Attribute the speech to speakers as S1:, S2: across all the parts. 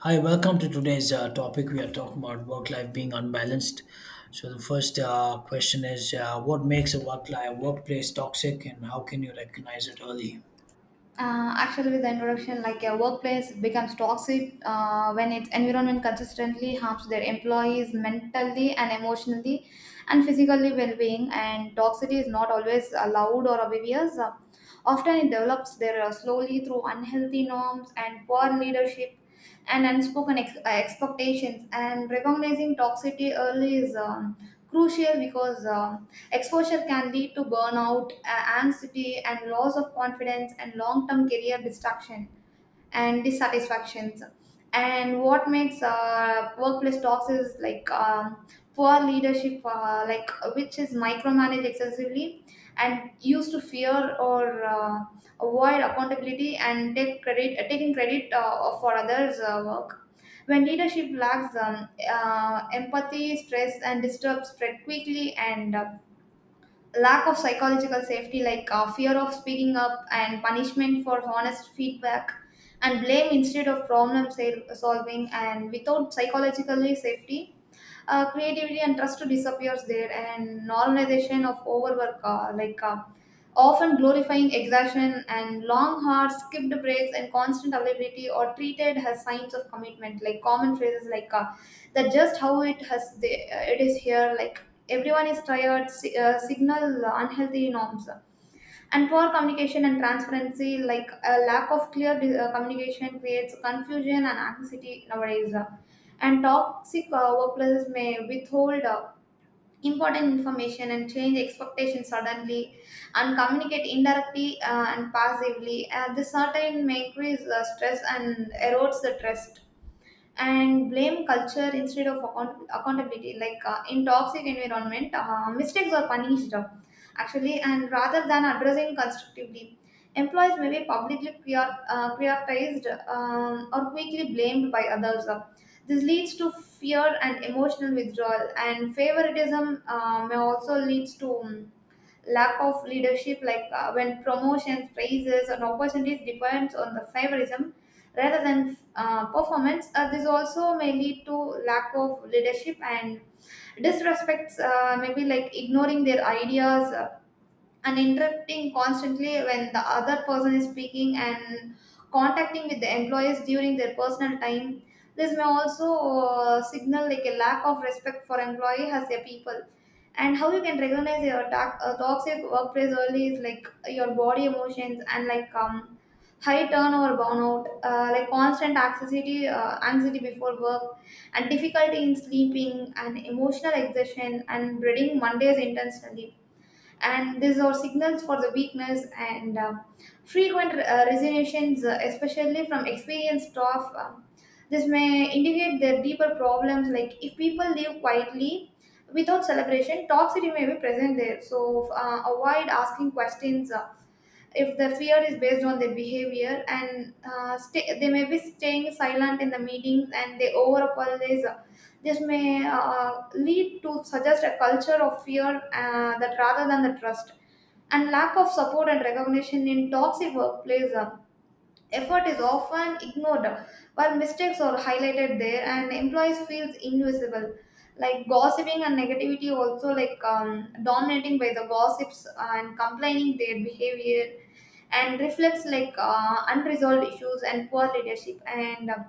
S1: Hi, welcome to today's topic. We are talking about work life being unbalanced. So the first question is, what makes a work life workplace toxic, and how can you recognize it early?
S2: With the introduction, like, a workplace becomes toxic when its environment consistently harms their employees mentally and emotionally and physically well-being. And toxicity is not always allowed or obvious. Often, it develops there slowly through unhealthy norms and poor leadership and unspoken expectations. And recognizing toxicity early is crucial because. Exposure can lead to burnout, anxiety, and loss of confidence and long term career destruction and dissatisfactions. And what makes workplace talks is like, poor leadership, like which is micromanaged excessively and used to fear or avoid accountability and taking credit for others' work. When leadership lacks empathy, stress and disturbs spread quickly, and lack of psychological safety, like fear of speaking up and punishment for honest feedback and blame instead of solving, and without psychological safety creativity and trust disappears there, and normalization of overwork, like, often glorifying exhaustion and long hard skipped breaks and constant availability or treated as signs of commitment, like common phrases like, that just how it has it is here, like everyone is tired, signal unhealthy norms and poor communication and transparency, like a lack of clear communication creates confusion and anxiety nowadays, and toxic workplaces may withhold important information and change expectations suddenly and communicate indirectly and passively. This certain may increase stress and erodes the trust, and blame culture instead of accountability. Like, in toxic environment, mistakes are punished, actually, and rather than addressing constructively, employees may be publicly prioritized, or quickly blamed by others. This leads to fear and emotional withdrawal, and favoritism may also leads to, lack of leadership, like when promotions, raises, and opportunities depends on the favorism rather than performance. This also may lead to lack of leadership and disrespects, maybe like ignoring their ideas, and interrupting constantly when the other person is speaking and contacting with the employees during their personal time. This may also signal like a lack of respect for employee as their people. And how you can recognize your toxic workplace early is like your body emotions and like, high turnover burnout, like constant anxiety before work and difficulty in sleeping and emotional exhaustion and breeding Mondays intentionally, and these are signals for the weakness, and frequent resignations, especially from experienced staff. This may indicate their deeper problems, like if people live quietly without celebration, toxicity may be present there. So avoid asking questions if the fear is based on their behavior. And they may be staying silent in the meetings, and they over apologize. This may lead to suggest a culture of fear that rather than the trust, and lack of support and recognition in toxic workplace, effort is often ignored while mistakes are highlighted there, and employees feels invisible, like gossiping and negativity also, like, dominating by the gossips and complaining their behavior and reflects like, unresolved issues and poor leadership, and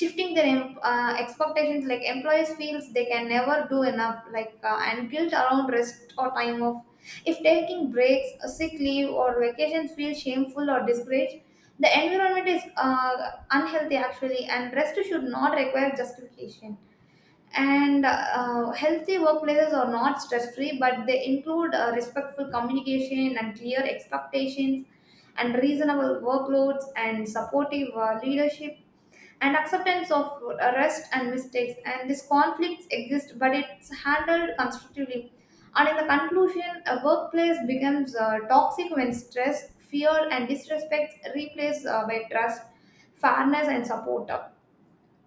S2: shifting their expectations, like employees feels they can never do enough, like, and guilt around rest or time off. If taking breaks, a sick leave, or vacations feel shameful or discouraged, the environment is unhealthy, actually, and rest should not require justification. And healthy workplaces are not stress free, but they include respectful communication and clear expectations and reasonable workloads and supportive leadership and acceptance of rest and mistakes, and these conflicts exist but it's handled constructively. And in the conclusion, a workplace becomes toxic when stress, fear and disrespect replaced by trust, fairness and support.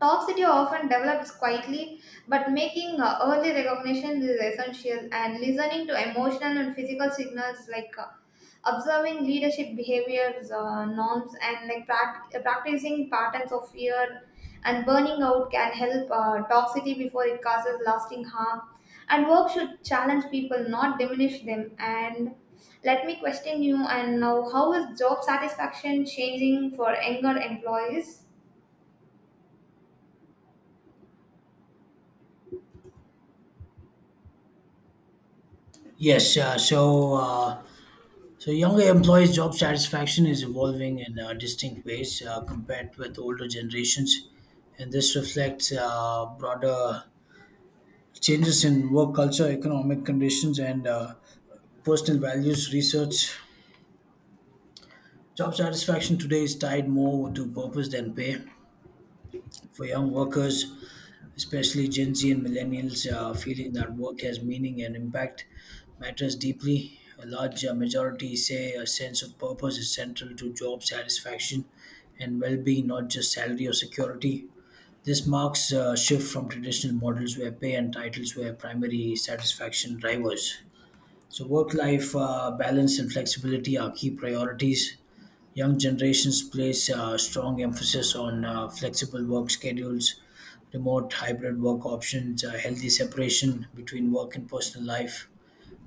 S2: Toxicity often develops quietly, but making early recognition is essential, and listening to emotional and physical signals like, observing leadership behaviors, norms, and like practicing patterns of fear and burning out can help toxicity before it causes lasting harm. And work should challenge people, not diminish them. And let me question you. And now, how is job satisfaction changing for younger employees?
S1: Yes, uh, so uh, so younger employees' job satisfaction is evolving in distinct ways compared with older generations, and this reflects broader changes in work culture, economic conditions, and personal values. Research job satisfaction today is tied more to purpose than pay. For young workers, especially Gen Z and millennials, feeling that work has meaning and impact matters deeply. A large majority say a sense of purpose is central to job satisfaction and well being, not just salary or security. This marks a shift from traditional models where pay and titles were primary satisfaction drivers. So, work life balance and flexibility are key priorities. Young generations place strong emphasis on flexible work schedules, remote hybrid work options, a healthy separation between work and personal life.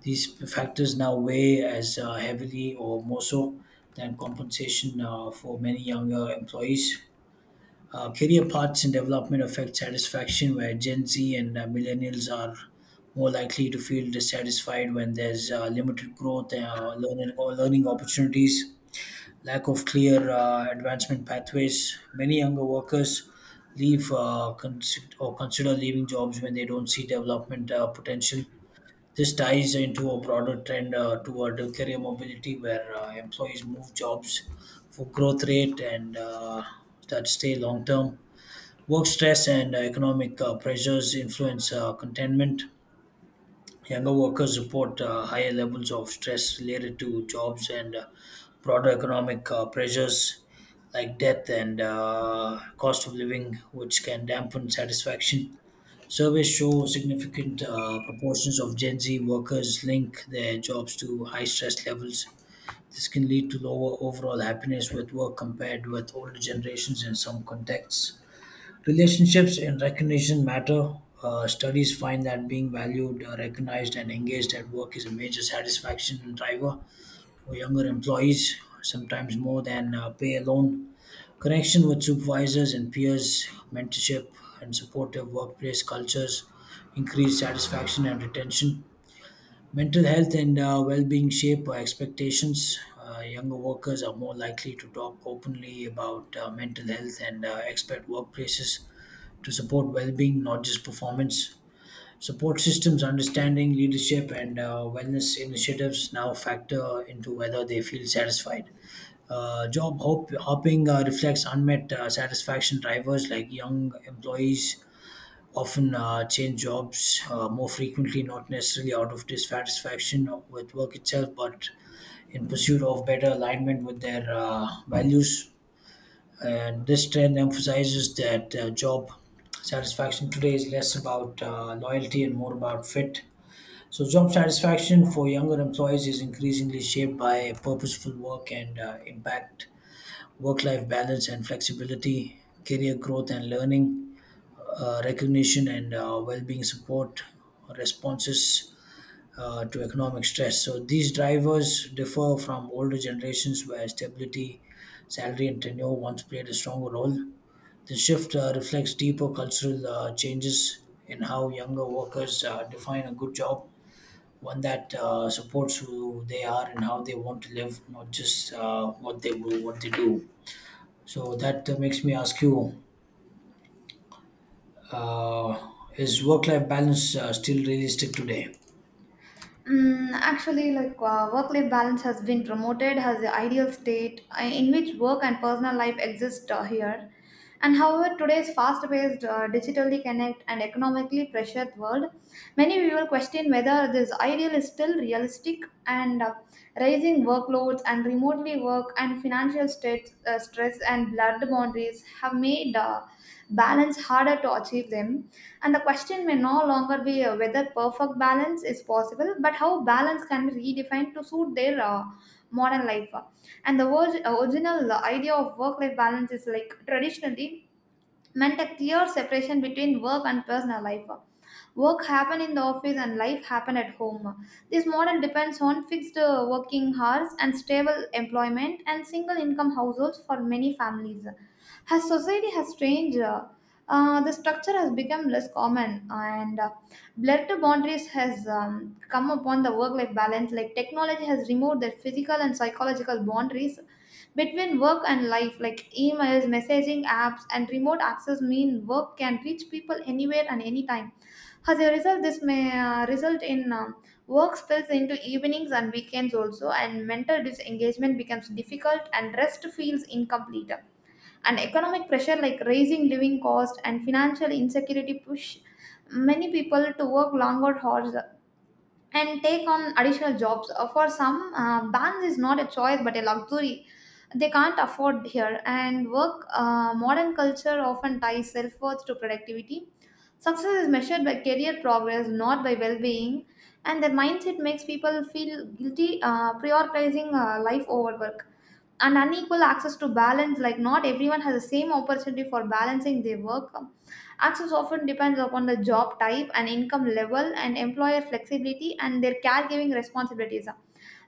S1: These factors now weigh as heavily or more so than compensation for many younger employees. Career paths and development affect satisfaction, where Gen Z and millennials are more likely to feel dissatisfied when there's limited growth, learning, or learning opportunities. Lack of clear advancement pathways. Many younger workers leave or consider leaving jobs when they don't see development potential. This ties into a broader trend toward career mobility, where employees move jobs for growth rate and that stay long term. Work stress and economic pressures influence contentment. Younger workers report higher levels of stress related to jobs and broader economic pressures like death and cost of living, which can dampen satisfaction. Surveys show significant proportions of Gen Z workers link their jobs to high stress levels. This can lead to lower overall happiness with work compared with older generations in some contexts. Relationships in recognition matter. Studies find that being valued, recognized, and engaged at work is a major satisfaction driver for younger employees, sometimes more than pay alone. Connection with supervisors and peers, mentorship, and supportive workplace cultures increase satisfaction and retention. Mental health and well being shape our expectations. Younger workers are more likely to talk openly about mental health and expert workplaces to support well-being, not just performance. Support systems, understanding, leadership, and wellness initiatives now factor into whether they feel satisfied. Hopping reflects unmet satisfaction drivers, like young employees often change jobs more frequently, not necessarily out of dissatisfaction with work itself, but in pursuit of better alignment with their values. And this trend emphasizes that job satisfaction today is less about loyalty and more about fit. So, job satisfaction for younger employees is increasingly shaped by purposeful work and impact, work life balance and flexibility, career growth and learning, recognition and well being support, responses to economic stress. So, these drivers differ from older generations where stability, salary, and tenure once played a stronger role. The shift reflects deeper cultural changes in how younger workers define a good job, one that supports who they are and how they want to live, not just what they do. So that makes me ask you: uh, Is work-life balance still realistic today?
S2: Mm, actually, like, work-life balance has been promoted as the ideal state in which work and personal life exist here. And however, today's fast-paced, digitally connect and economically pressured world, many people question whether this ideal is still realistic. And rising workloads and remotely work and financial states, stress and blurred boundaries have made balance harder to achieve them, and the question may no longer be whether perfect balance is possible, but how balance can be redefined to suit their modern life. And the original idea of work life balance is like, traditionally meant a clear separation between work and personal life. Work happen in the office and life happen at home. This model depends on fixed working hours and stable employment and single income households for many families. As society has changed, the structure has become less common, and blurred boundaries has come upon the work-life balance. Like, technology has removed the physical and psychological boundaries between work and life, like emails, messaging apps and remote access mean work can reach people anywhere and anytime. As a result, this may result in, work spills into evenings and weekends also, and mental disengagement becomes difficult and rest feels incomplete. And economic pressure like raising living cost and financial insecurity push many people to work longer hours and take on additional jobs. For some, balance is not a choice but a luxury they can't afford here, and work modern culture often ties self-worth to productivity. Success is measured by career progress, not by well being, and their mindset makes people feel guilty prioritizing life over work. And unequal access to balance, like not everyone has the same opportunity for balancing their work. Access often depends upon the job type and income level and employer flexibility and their caregiving responsibilities.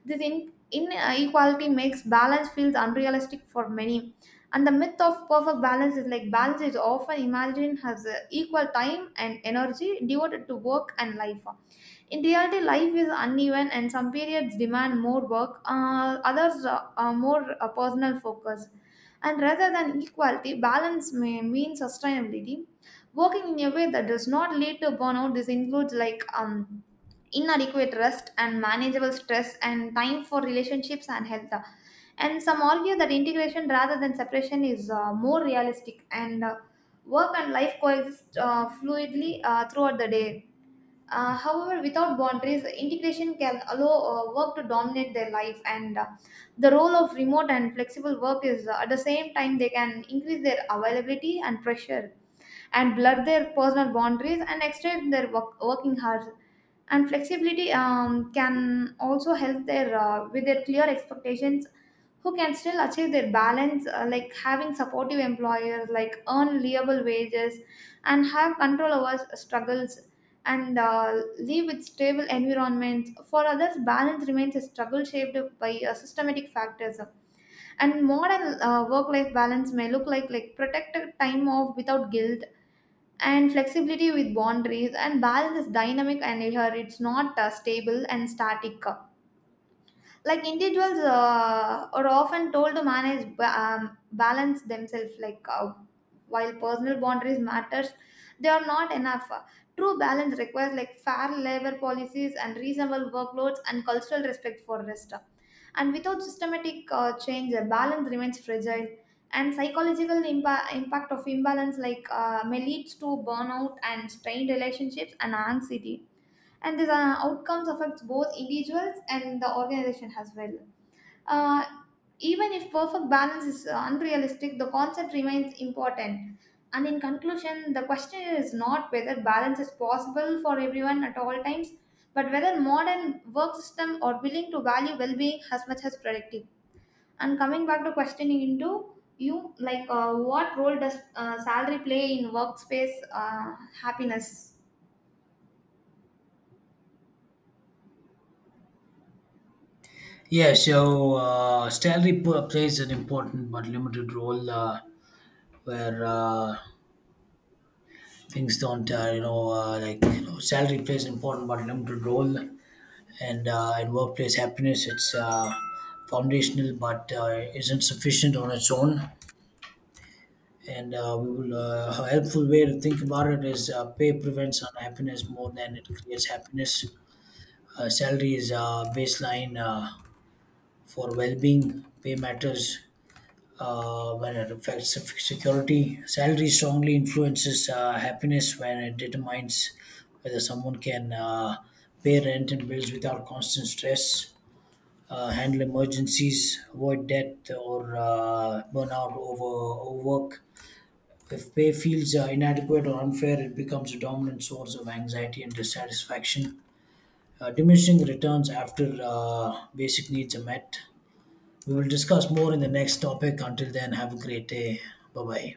S2: This inequality makes balance feels unrealistic for many. And the myth of perfect balance is like, balance is often imagined as equal time and energy devoted to work and life. In reality, life is uneven and some periods demand more work, others are more personal focus. And rather than equality, balance may mean sustainability. Working in a way that does not lead to burnout, this includes like, inadequate rest and manageable stress and time for relationships and health, and some argue that integration rather than separation is more realistic, and work and life coexist fluidly throughout the day. However, without boundaries, integration can allow work to dominate their life, and the role of remote and flexible work is, at the same time they can increase their availability and pressure and blur their personal boundaries and extend their working hours, and flexibility can also help their with their clear expectations. Who can still achieve their balance, like having supportive employers, like earn reliable wages and have control over struggles and live with stable environments. For others, balance remains a struggle shaped by systematic factors, and modern work life balance may look like protected time off without guilt and flexibility with boundaries. And balance is dynamic and here it's not stable and static. Like, individuals are often told to manage balance themselves, like, while personal boundaries matters, they are not enough. True balance requires like fair labor policies and reasonable workloads and cultural respect for rest, and without systematic change the balance remains fragile. And psychological impact of imbalance, like, may leads to burnout and strained relationships and anxiety, and these outcomes affects both individuals and the organization as well. uh, Even if perfect balance is unrealistic, the concept remains important. And in conclusion, the question is not whether balance is possible for everyone at all times, but whether modern work system are willing to value well-being as much as productive. And coming back to questioning into you, like, what role does salary play in workspace happiness?
S1: Salary plays an important but limited role where things don't, you know, like you know, salary plays an important but limited role and workplace happiness. It's foundational, but isn't sufficient on its own. And we will A helpful way to think about it is pay prevents unhappiness more than it creates happiness. Salary is baseline for well-being. Pay matters when it affects security. Salary strongly influences happiness when it determines whether someone can pay rent and bills without constant stress, handle emergencies, avoid debt or burnout over overwork. If pay feels inadequate or unfair, it becomes a dominant source of anxiety and dissatisfaction. Diminishing returns after basic needs are met. We will discuss more in the next topic. Until then, have a great day. Bye bye.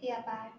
S2: Yeah, bye.